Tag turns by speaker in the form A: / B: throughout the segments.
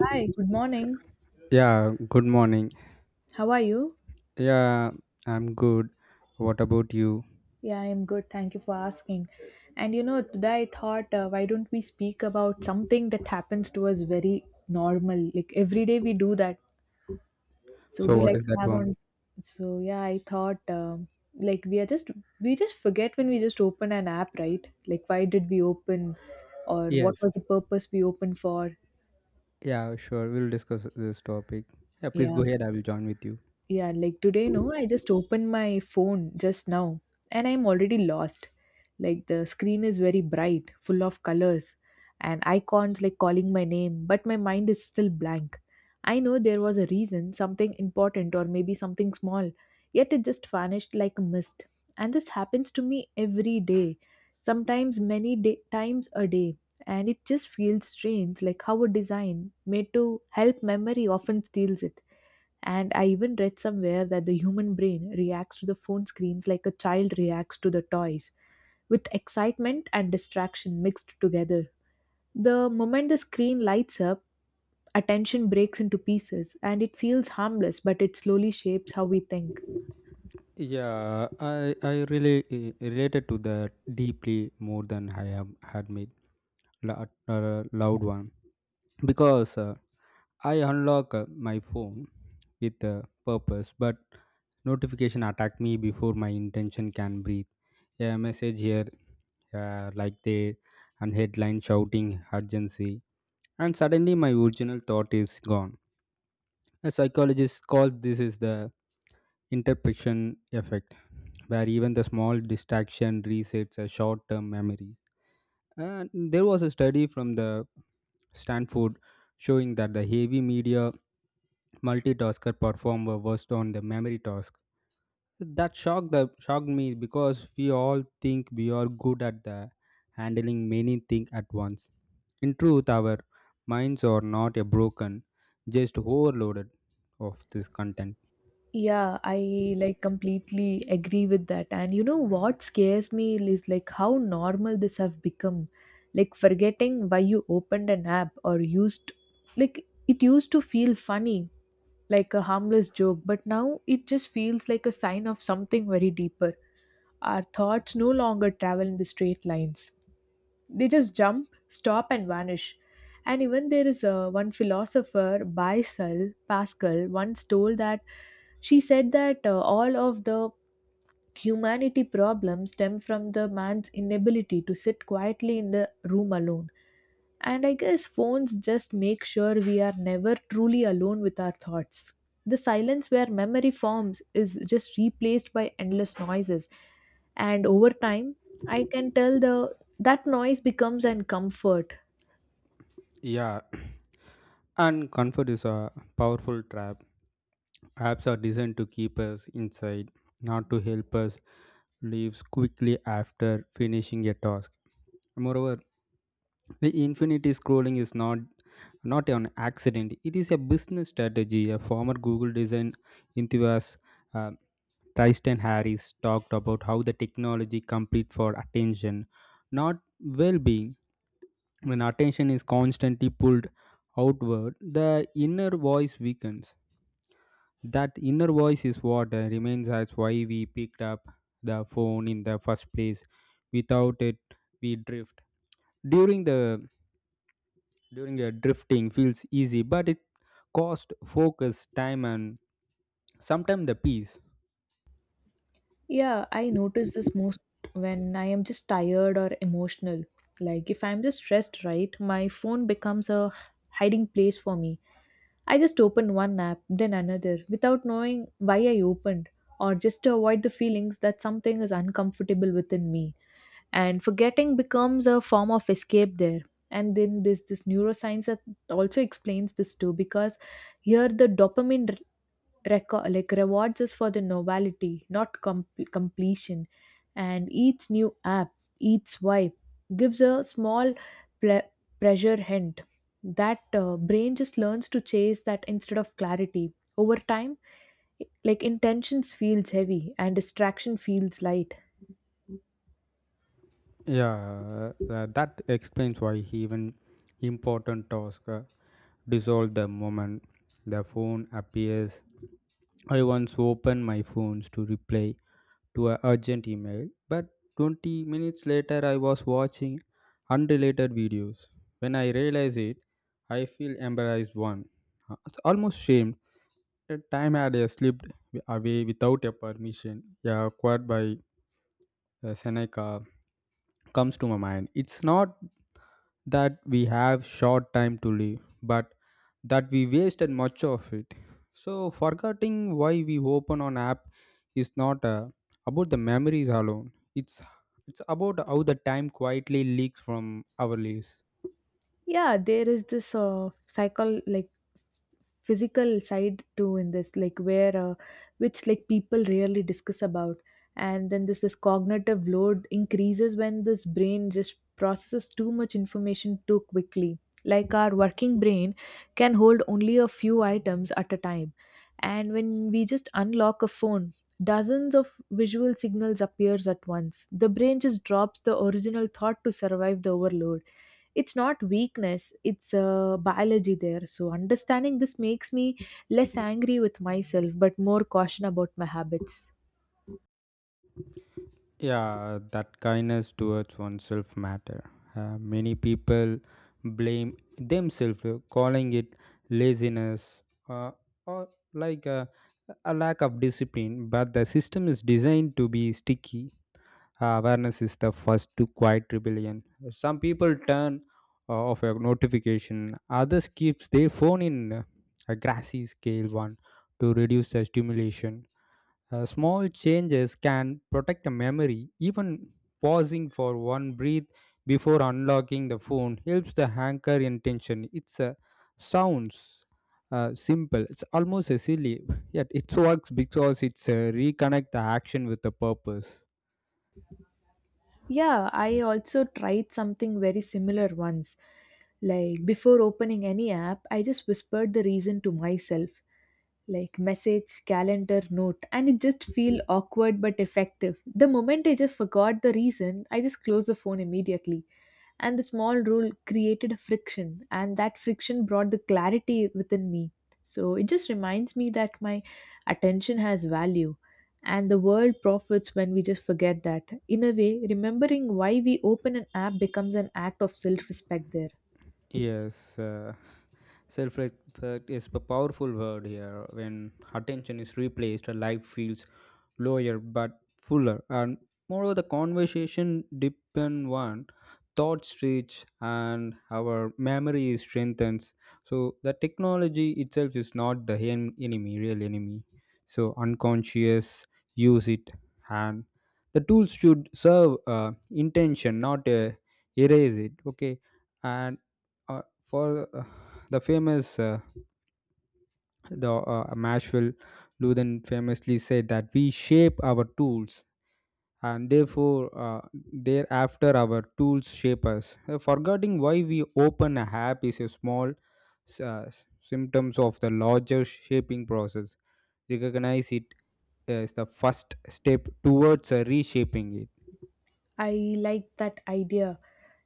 A: Hi, good morning.
B: Yeah, good morning.
A: How are you?
B: Yeah, I'm good. What about you?
A: Yeah, I'm good. Thank you for asking. And you know, today I thought, why don't we speak about something that happens to us very normal? Like every day we do that. So, would
B: So,
A: you
B: what
A: like
B: is
A: to
B: that
A: have on?
B: one?
A: So, yeah, I thought, like, we just forget when we just open an app, right? Like, why did we open or what
B: Yes.
A: was the purpose we opened for?
B: Yeah, sure. We'll discuss this topic. Yeah, please
A: Yeah.
B: go ahead. I will join with you.
A: Yeah, like today, no, I just opened my phone just now and I'm already lost. Like the screen is very bright, full of colors and icons like calling my name, but my mind is still blank. I know there was a reason, something important or maybe something small, yet it just vanished like a mist. And this happens to me every day, sometimes times a day. And it just feels strange, like how a design made to help memory often steals it, and I even read somewhere that the human brain reacts to the phone screens like a child reacts to the toys, with excitement and distraction mixed together. The moment the screen lights up, attention breaks into pieces and it feels harmless, but it slowly shapes how we think.
B: Yeah, I really related to that deeply more than I have had made loud one because I unlock my phone with a purpose, but notification attack me before my intention can breathe. A message here, uh, like they, and headline shouting urgency, and suddenly my original thought is gone. A psychologist called this is the interpretation effect, where even the small distraction resets a short-term memory. And there was a study from the Stanford showing that the heavy media multitasker perform were worst on the memory task that shocked me because we all think we are good at the handling many things at once, in truth our minds are not a broken, just overloaded of this content.
A: Yeah, I like completely agree with that. And you know what scares me is like how normal this have become. Like forgetting why you opened an app or used, like it used to feel funny, like a harmless joke, but now it just feels like a sign of something very deeper. Our thoughts no longer travel in the straight lines, they just jump stop and vanish. And even there is a, one philosopher Baisal pascal once told that she said that all of the humanity problems stem from the man's inability to sit quietly in the room alone. And I guess phones just make sure we are never truly alone with our thoughts. The silence where memory forms is just replaced by endless noises. And over time, I can tell the that noise becomes an comfort.
B: Yeah, and comfort is a powerful trap. Apps are designed to keep us inside, not to help us leave quickly after finishing a task. Moreover, the infinity scrolling is not an accident. It is a business strategy. A former Google design enthusiast, uh, Tristan Harris, talked about how the technology compete for attention, not well-being. When attention is constantly pulled outward, the inner voice weakens. That inner voice is what remains as why we picked up the phone in the first place. Without it, we drift. During the During the drifting feels easy, but it cost focus, time, and sometimes the peace.
A: Yeah, I notice this most when I am just tired or emotional. Like if I'm just stressed, right, my phone becomes a hiding place for me. I just opened one app, then another, without knowing why I opened, or just to avoid the feelings that something is uncomfortable within me. And forgetting becomes a form of escape there. And then this neuroscience that also explains this too, because here the dopamine like rewards us for the novelty, not completion. And each new app, each swipe, gives a small ple- pressure hint. That brain just learns to chase that instead of clarity. Over time, like intentions feels heavy and distraction feels light.
B: Yeah, that explains why even important tasks dissolve the moment the phone appears. I once opened my phones to reply to an urgent email, but 20 minutes later I was watching unrelated videos. When I realize it, I feel embarrassed one. It's almost shame. The time had slipped away without a permission, yeah, acquired by Seneca comes to my mind. It's not that we have short time to live, but that we wasted much of it. So forgetting why we open on app is not about the memories alone. It's about how the time quietly leaks from our lives.
A: Yeah, there is this psychol like physical side too in this, like where which like people rarely discuss about. And then this cognitive load increases when this brain just processes too much information too quickly, like our working brain can hold only a few items at a time, and when we just unlock a phone, dozens of visual signals appears at once. The brain just drops the original thought to survive the overload. It's not weakness, it's biology there. So, understanding this makes me less angry with myself, but more caution about my habits.
B: Yeah, that kindness towards oneself matter. Many people blame themselves, calling it laziness, uh, or like a lack of discipline. But the system is designed to be sticky. Awareness is the first to quiet rebellion. Some people turn off a notification. Others keeps their phone in a grassy scale one to reduce the stimulation. Uh, small changes can protect a memory. Even pausing for one breath before unlocking the phone helps the anchor intention. It's a sounds simple. It's almost a silly, yet it works because it's reconnect the action with the purpose.
A: Yeah, I also tried something very similar once. Like, before opening any app, I just whispered the reason to myself, like message, calendar, note, and it just feel awkward but effective. The moment I just forgot the reason, I just close the phone immediately. And the small rule created a friction, and that friction brought the clarity within me. So it just reminds me that my attention has value and the world profits when we just forget that. In a way, remembering why we open an app becomes an act of self-respect there.
B: Yes, self respect is a powerful word here. When attention is replaced, a life feels lower but fuller. And moreover, the conversation depend on thoughts reach and our memory is strengthens. So the technology itself is not the enemy, real enemy. So unconscious use it, and the tools should serve intention, not erase it. Okay, and uh, for the famous the Mashville Luden famously said that we shape our tools and therefore thereafter our tools shape us. Forgetting why we open a app is a small symptoms of the larger shaping process. Recognize it as the first step towards reshaping it.
A: I like that idea,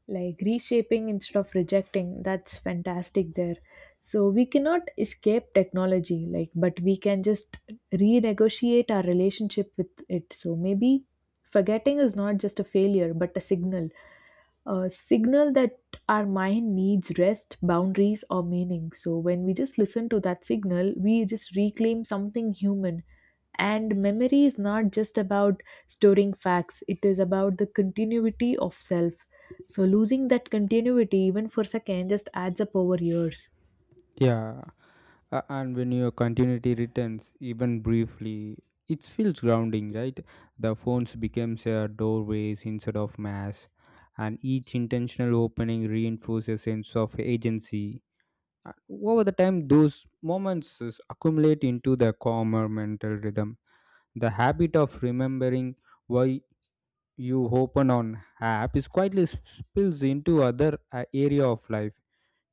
A: like reshaping instead of rejecting. That's fantastic there. So we cannot escape technology, like, but we can just renegotiate our relationship with it. So maybe forgetting is not just a failure, but a signal that our mind needs rest, boundaries, or meaning. So when we just listen to that signal, we just reclaim something human. And memory is not just about storing facts, it is about the continuity of self. So losing that continuity, even for a second, just adds up over years.
B: Yeah. And when your continuity returns, even briefly, it feels grounding, right? The phones becomes doorways instead of mass, and each intentional opening reinforces a sense of agency. Over the time, those moments is accumulate into the calmer mental rhythm. The habit of remembering why you open on app is quietly spills into other area of life.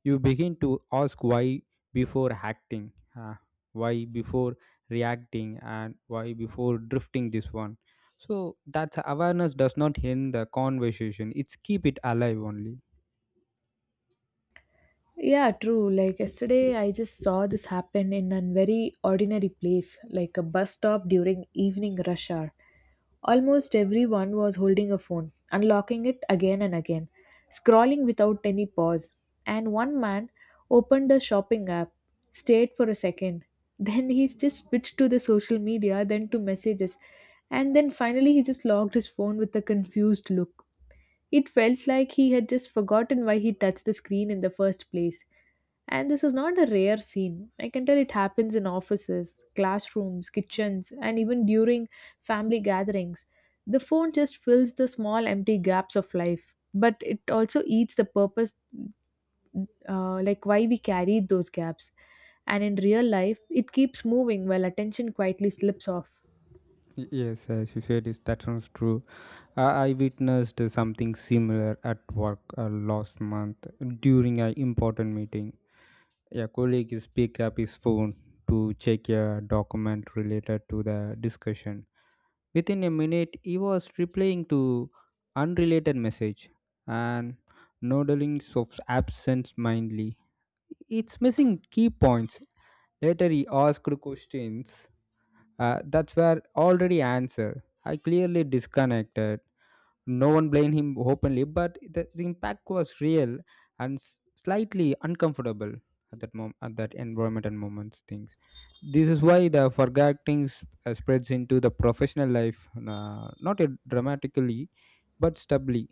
B: You begin to ask why before acting, why before reacting, and why before drifting this one. So that awareness does not end the conversation. It's keep it alive only.
A: Yeah, true. Like yesterday, I just saw this happen in a very ordinary place, like a bus stop during evening rush hour. Almost everyone was holding a phone, unlocking it again and again, scrolling without any pause. And one man opened a shopping app, stayed for a second, then he just switched to the social media, then to messages, and then finally he just logged his phone with a confused look. It felt like he had just forgotten why he touched the screen in the first place. And this is not a rare scene. I can tell it happens in offices, classrooms, kitchens, and even during family gatherings. The phone just fills the small empty gaps of life, but it also eats the purpose, like why we carried those gaps. And in real life, it keeps moving while attention quietly slips off.
B: Yes, as you said, is that sounds true. I witnessed something similar at work last month during an important meeting. A colleague is picked up his phone to check a document related to the discussion. Within a minute, he was replying to unrelated message and nodding of absence mindedly. It's missing key points. Later, he asked questions that were already answered. I clearly disconnected. No one blamed him openly, but the impact was real and slightly uncomfortable at that moment, at that environment and moments things. This is why the forgetting spreads into the professional life, not dramatically, but stably,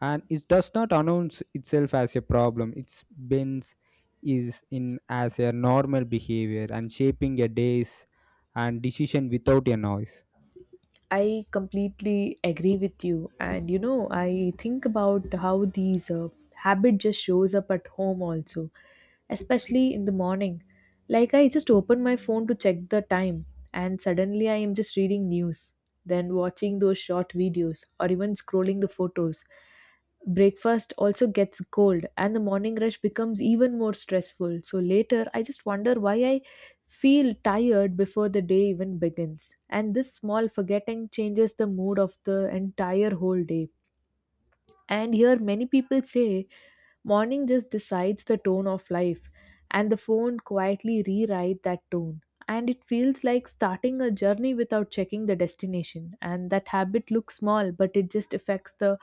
B: and it does not announce itself as a problem. Its bends is in as a normal behavior and shaping a days and decision without a noise.
A: I completely agree with you. And you know, I think about how these habit just shows up at home also, especially in the morning. Like I just open my phone to check the time, and suddenly I am just reading news, then watching those short videos or even scrolling the photos. Breakfast also gets cold and the morning rush becomes even more stressful. So later I just wonder why I feel tired before the day even begins, and this small forgetting changes the mood of the entire whole day. And here, many people say morning just decides the tone of life, and the phone quietly rewrite that tone. And it feels like starting a journey without checking the destination. And that habit looks small, but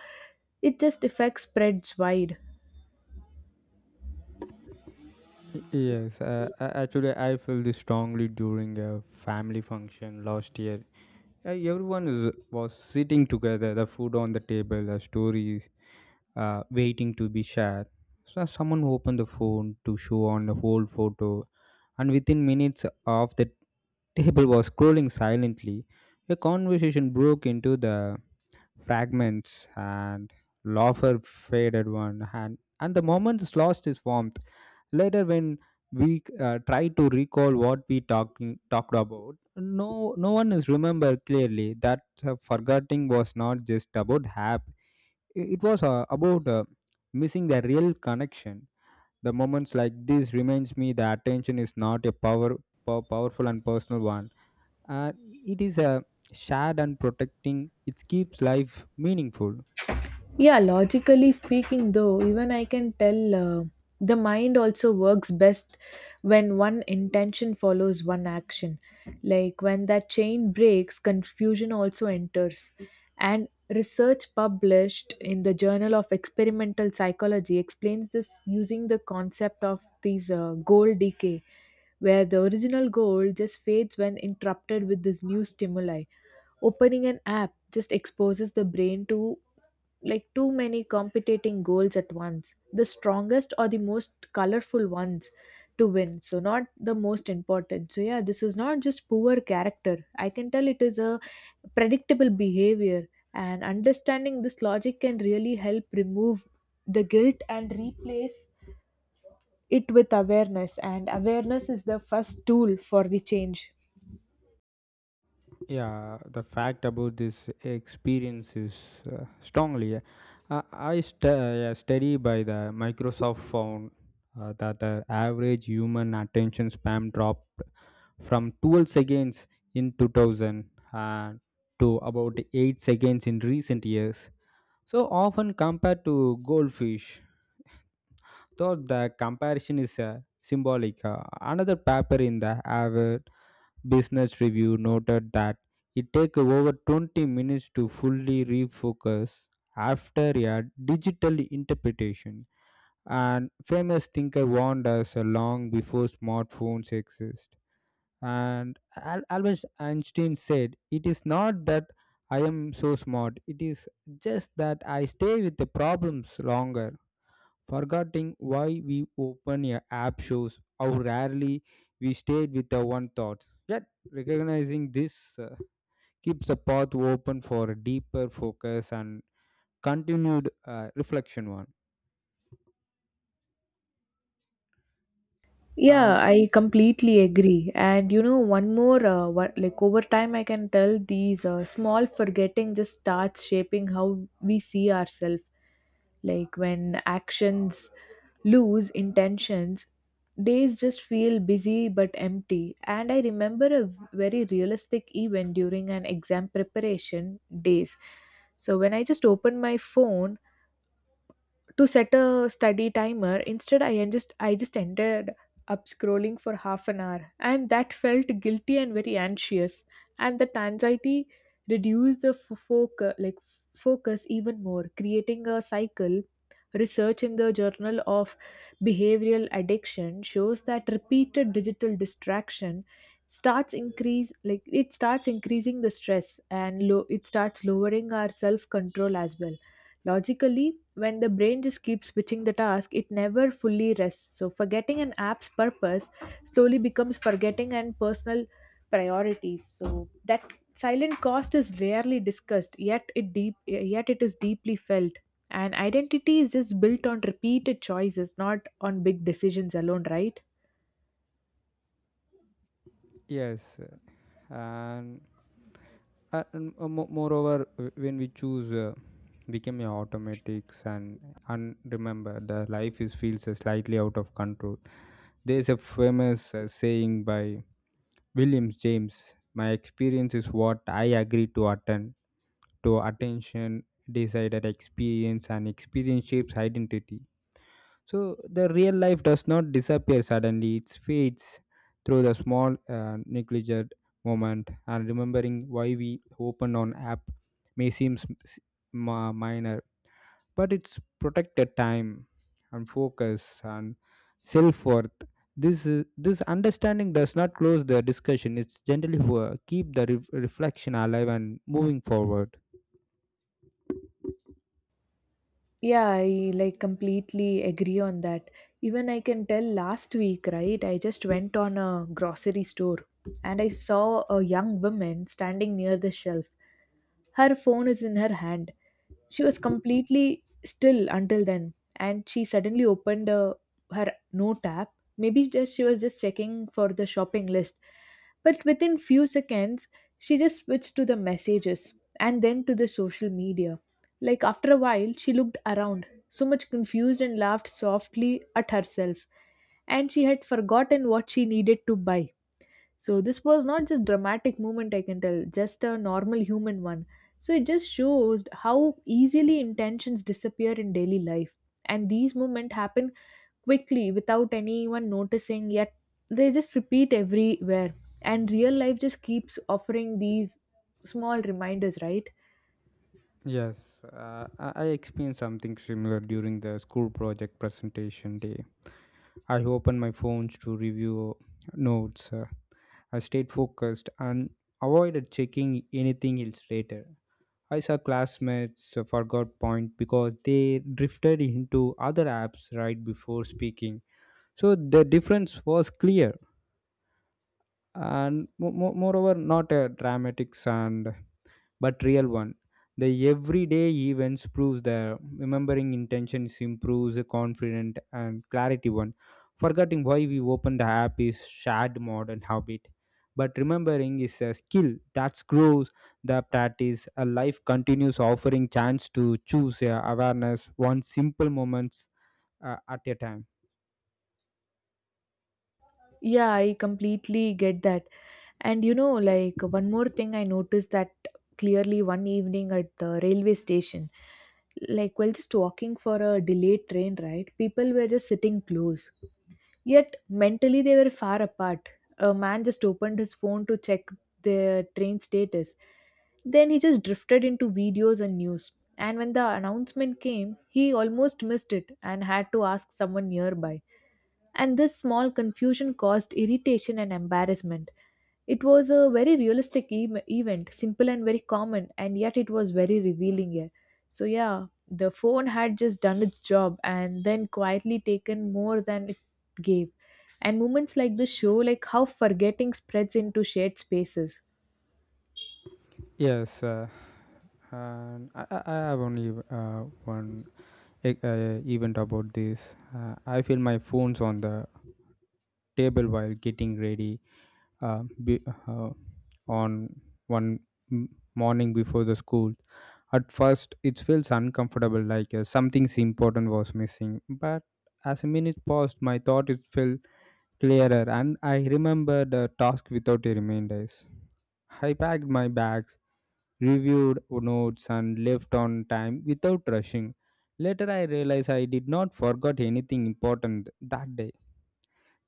A: it just affects spreads wide.
B: Yes, actually, I felt this strongly during a family function last year. Uh, Everyone is, was sitting together, the food on the table, the stories waiting to be shared. So someone opened the phone to show on the whole photo, and within minutes of the table was scrolling silently, a conversation broke into the fragments and laughter faded one hand and the moment is lost its warmth. Later when we try to recall what we talking talked about, no one is remember clearly. That forgetting was not just about hap, it was about missing the real connection. The moments like this reminds me the attention is not a powerful and personal one, and it is a shared, and protecting it keeps life meaningful.
A: Yeah, logically speaking, though, even I can tell the mind also works best when one intention follows one action. Like when that chain breaks, confusion also enters. And research published in the Journal of Experimental Psychology explains this using the concept of these goal decay, where the original goal just fades when interrupted with this new stimuli. Opening an app just exposes the brain to like too many competing goals at once. The strongest or the most colorful ones to win, so not the most important. So yeah, this is not just poor character, I can tell it is a predictable behavior. And understanding this logic can really help remove the guilt and replace it with awareness, and awareness is the first tool for the change.
B: Yeah, the fact about this experience is strongly. Yeah, study by the Microsoft found that the average human attention span dropped from 12 seconds in 2000 and to about 8 seconds in recent years. So often compared to goldfish. Though the comparison is symbolic, another paper in the Harvard Business Review noted that it takes over 20 minutes to fully refocus after a digital interpretation. And famous thinker warned us long before smartphones exist. And Albert Einstein said, "It is not that I am so smart. It is just that I stay with the problems longer." Forgetting why we open an app shows how rarely we stayed with our one thoughts. Yet, recognizing this keeps the path open for a deeper focus and continued reflection. One
A: Yeah,
B: and
A: I completely agree. And you know, one more, what, like over time, I can tell these small forgetting just starts shaping how we see ourselves. Like when actions lose intentions, days just feel busy but empty. And I remember a very realistic event during an exam preparation days. So when I just opened my phone to set a study timer, instead I just ended up scrolling for half an hour, and that felt guilty and very anxious. And that anxiety reduced the focus, focus even more, creating a cycle. Research in the Journal of Behavioral Addiction shows that repeated digital distraction starts increase like it starts increasing the stress, and low it starts lowering our self control as well. Logically, when the brain just keeps switching the task, it never fully rests. So, forgetting an app's purpose slowly becomes forgetting and personal priorities. So, that silent cost is rarely discussed, yet it is deeply felt. And identity is just built on repeated choices, not on big decisions alone, right?
B: yes, and, moreover, when we choose. Become a automatics and remember the life is feels slightly out of control. There's a famous saying by Williams James, my experience is what I agree to attend to attention decided experience and experience shapes identity. So the real life does not disappear suddenly, it fades through the small negligent moment. And remembering why we open on app may seem minor, but it's protected time and focus and self-worth. This this understanding does not close the discussion. It's generally keep the reflection alive and moving forward.
A: Yeah, I like completely agree on that. Even I can tell last week, right? I just went on a grocery store, and I saw a young woman standing near the shelf. Her phone is in her hand. She was completely still until then, and she suddenly opened her note app. Maybe just she was just checking for the shopping list. But within few seconds, she just switched to the messages and then to the social media. Like after a while, she looked around, so much confused, and laughed softly at herself. And she had forgotten what she needed to buy. So this was not just dramatic moment I can tell, just a normal human one. So it just shows how easily intentions disappear in daily life. And these moments happen quickly without anyone noticing, yet they just repeat everywhere. And real life just keeps offering these small reminders, right?
B: Yes, I experienced something similar during the school project presentation day. I opened my phones to review notes. I stayed focused and avoided checking anything else. Later I saw classmates forgot point because they drifted into other apps right before speaking. So the difference was clear and moreover not a dramatic and but real one. The everyday events proves the remembering intentions improves the confident and clarity one. Forgetting why we open the app is shared modern habit, but remembering is a skill that grows the practice. A life continues offering chance to choose awareness one simple moments at a time.
A: Yeah, I completely get that. And like one more thing I noticed that clearly one evening at the railway station. Like while just walking for a delayed train, right, people were just sitting close yet mentally they were far apart. A man just opened his phone to check the train status, then he just drifted into videos and news. And when the announcement came, he almost missed it and had to ask someone nearby. And this small confusion caused irritation and embarrassment. It was a very realistic event, simple and very common, and yet it was very revealing here. So, yeah, the phone had just done its job and then quietly taken more than it gave. And moments like this show like how forgetting spreads into shared spaces.
B: Yes, and I have only one event about this. I feel my phone's on the table while getting ready be, on one m- morning before the school. At first, it feels uncomfortable, like something important was missing. But as a minute passed, my thought is felt clearer, and I remembered the task without a reminders. I packed my bags, reviewed notes and left on time without rushing. Later I realized I did not forget anything important that day.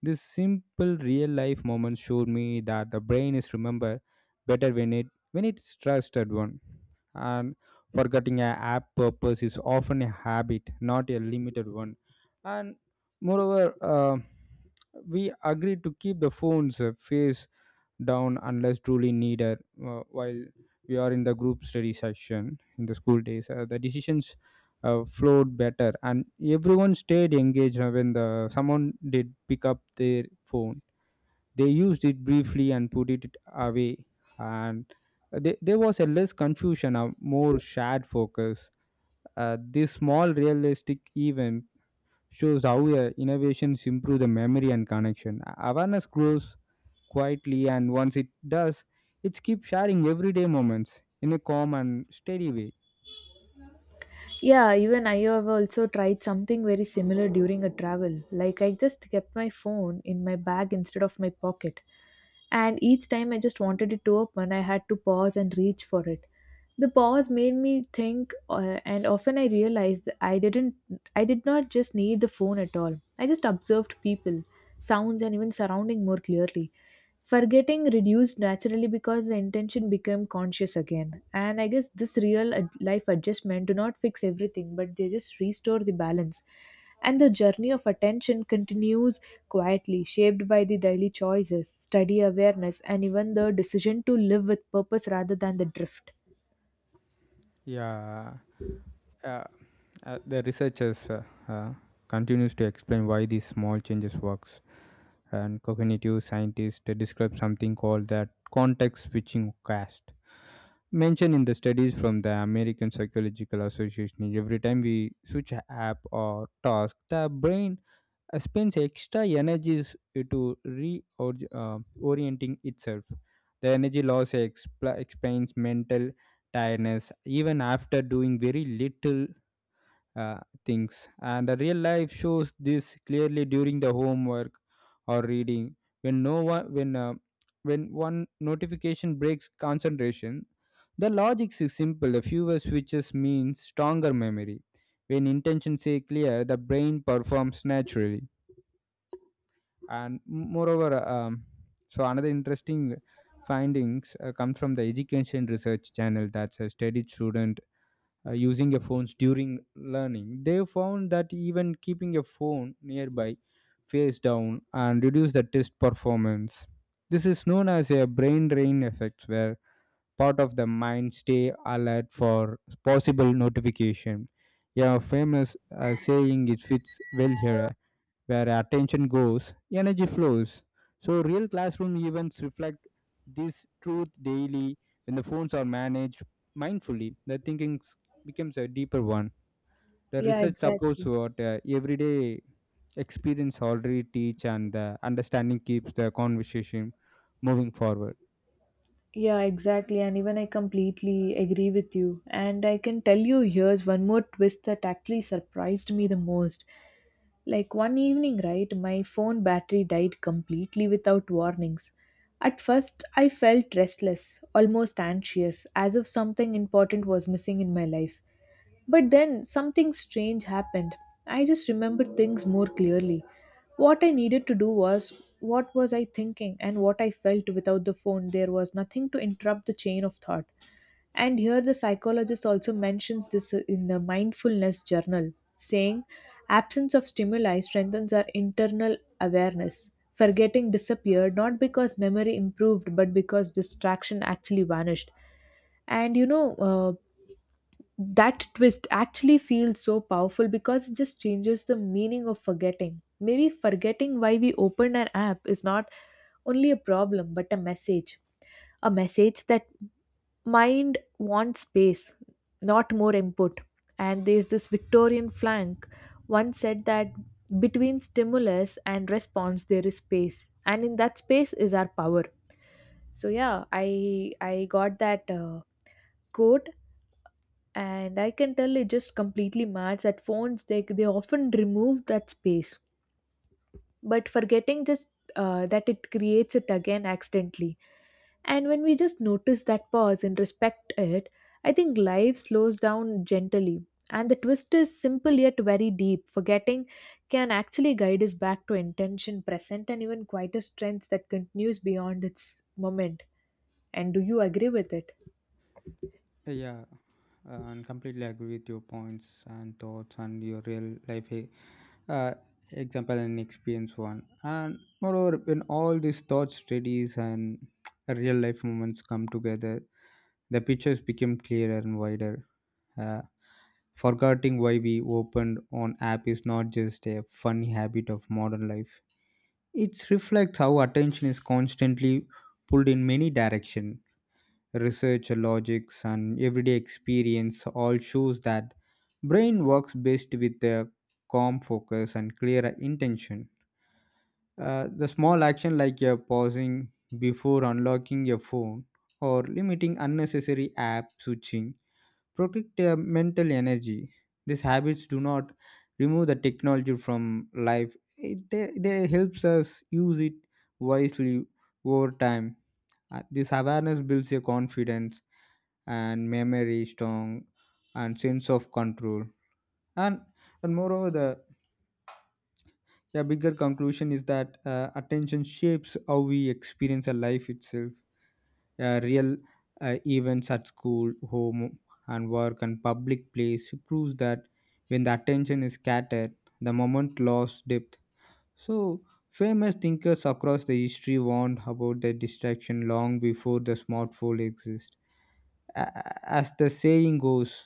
B: This simple real life moment showed me that the brain is remember better when it's trusted one. And forgetting a app purpose is often a habit, not a limited one. And moreover, we agreed to keep the phones face down unless truly needed while we are in the group study session in the school days. The decisions flowed better and everyone stayed engaged when the someone did pick up their phone, they used it briefly and put it away. And there was a less confusion, a more shared focus. This small realistic event shows how innovations improve the memory and connection. Awareness grows quietly, and once it does, it keeps sharing everyday moments in a calm and steady way.
A: Yeah, even I have also tried something very similar during a travel. Like I just kept my phone in my bag instead of my pocket. And each time I just wanted it to open, I had to pause and reach for it. The pause made me think, and often I realized that I did not just need the phone at all. I just observed people, sounds, and even surrounding more clearly. Forgetting reduced naturally because the intention became conscious again. And I guess this life adjustment do not fix everything, but they just restore the balance. And the journey of attention continues quietly, shaped by the daily choices, study awareness, and even the decision to live with purpose rather than the drift.
B: Yeah, uh, the researchers continues to explain why these small changes works, and cognitive scientists they describe something called that context switching cast mentioned in the studies from the American Psychological Association. Every time we switch a app or task, the brain spends extra energies to reorienting itself. The energy loss explains mental tiredness even after doing very little uh, things. And the real life shows this clearly during the homework or reading. When no one, when one notification breaks concentration, the logic is simple. The fewer switches means stronger memory. When intentions are clear, the brain performs naturally. And moreover, so another interesting findings comes from the education research channel that's a studied student using a phones during learning. They found that even keeping a phone nearby face down and reduce the test performance. This is known as a brain drain effect where part of the mind stay alert for possible notification. Yeah, famous saying it fits well here: where attention goes, energy flows. So, real classroom events reflect this truth daily. When the phones are managed mindfully, the thinking becomes a deeper one. The
A: Yeah,
B: research supports
A: exactly.
B: what everyday experience already teach, and the understanding keeps the conversation moving forward.
A: Yeah, exactly. And even I completely agree with you. And I can tell you here's one more twist that actually surprised me the most. Like one evening, right, my phone battery died completely without warnings. At first, I felt restless, almost anxious, as if something important was missing in my life. But then something strange happened. I just remembered things more clearly. What I needed to do, was what was I thinking and what I felt without the phone. There was nothing to interrupt the chain of thought. And here the psychologist also mentions this in the mindfulness journal, saying absence of stimuli strengthens our internal awareness. Forgetting disappeared not because memory improved, but because distraction actually vanished. And that twist actually feels so powerful because it just changes the meaning of forgetting. Maybe forgetting why we opened an app is not only a problem, but a message. A message that mind wants space, not more input. And there's this Victorian flank once said that between stimulus and response there is space, and in that space is our power. So yeah, I got that quote, and I can tell it just completely matters that phones they often remove that space, but forgetting just that it creates it again accidentally. And when we just notice that pause and respect it, I think life slows down gently. And the twist is simple yet very deep. Forgetting can actually guide us back to intention, present, and even quieter strength that continues beyond its moment. And do you agree with it?
B: Yeah, and completely agree with your points and thoughts and your real life uh, example and experience one. And moreover, when all these thoughts, studies and real life moments come together, the pictures become clearer and wider. uh, Forgetting why we opened on app is not just a funny habit of modern life. It reflects how attention is constantly pulled in many direction. Research logics and everyday experience all shows that brain works best with a calm focus and clear intention. The small action like pausing before unlocking your phone or limiting unnecessary app switching protect your mental energy. These habits do not remove the technology from life. They helps us use it wisely over time. This awareness builds your confidence and memory strong and sense of control. And and moreover, the yeah, bigger conclusion is that attention shapes how we experience a life itself. Real events at school, home, and work, and public place proves that when the attention is scattered, the moment lost depth. So, famous thinkers across the history warned about the distraction long before the smartphone exists. As the saying goes,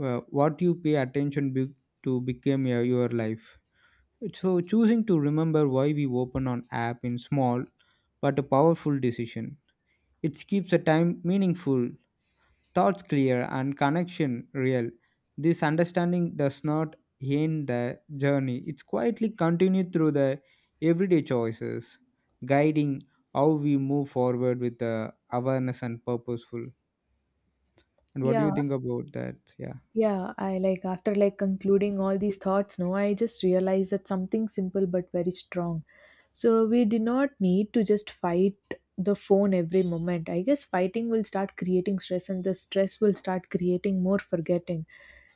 B: what you pay attention to became your life. So choosing to remember why we open an app in small but a powerful decision. It keeps the time meaningful, thoughts clear and connection real. This understanding does not end the journey. It's quietly continued through the everyday choices, guiding how we move forward with the awareness and purposeful. And what do you
A: Yeah,
B: think about that? Yeah.
A: yeah. I like after like concluding all these thoughts, no, I just realized that something simple but very strong. So we do not need to just fight the phone every moment. I guess fighting will start creating stress, and the stress will start creating more forgetting.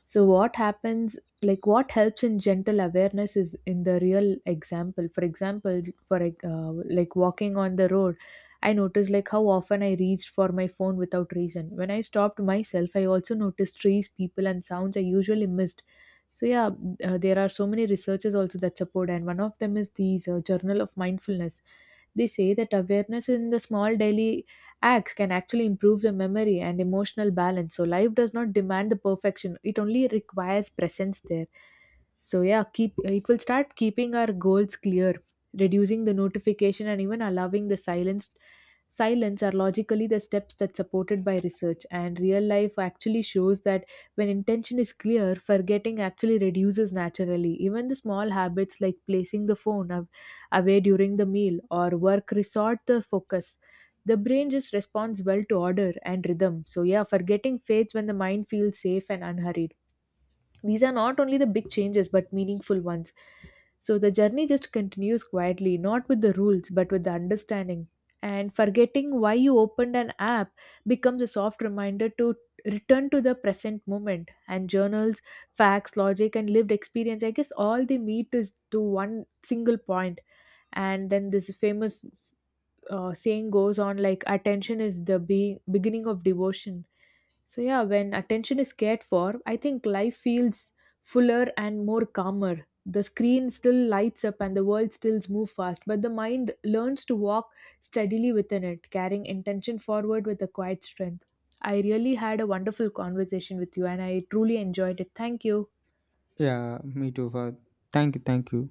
A: So what happens, like what helps in gentle awareness is in the real example. For example, for like, uh, like walking on the road, I noticed like how often I reached for my phone without reason. When I stopped myself, I also noticed trees, people, and sounds I usually missed. So yeah, there are so many researchers also that support, and one of them is these journal of mindfulness. They say that awareness in the small daily acts can actually improve the memory and emotional balance. So, life does not demand the perfection, it only requires presence there. So yeah, keep it will start keeping our goals clear, reducing the notification, and even allowing the silence. Silence are logically the steps that supported by research and real life actually shows that when intention is clear forgetting actually reduces naturally. Even the small habits like placing the away during the meal or work resort the focus. The brain just responds well to order and rhythm. So yeah, forgetting fades when the mind feels safe and unhurried. These are not only the big changes but meaningful ones. So the journey just continues quietly, not with the rules but with the understanding. And forgetting why you opened an app becomes a soft reminder to return to the present moment. And journals, facts, logic, and lived experience, I guess all they meet is to one single point. And then this famous saying goes on like, attention is the beginning of devotion. So yeah, when attention is cared for, I think life feels fuller and more calmer. The screen still lights up and the world still moves fast, but the mind learns to walk steadily within it, carrying intention forward with a quiet strength. I really had a wonderful conversation with you and I truly enjoyed it. Thank you.
B: Yeah, me too. Fahad. Thank you, thank you.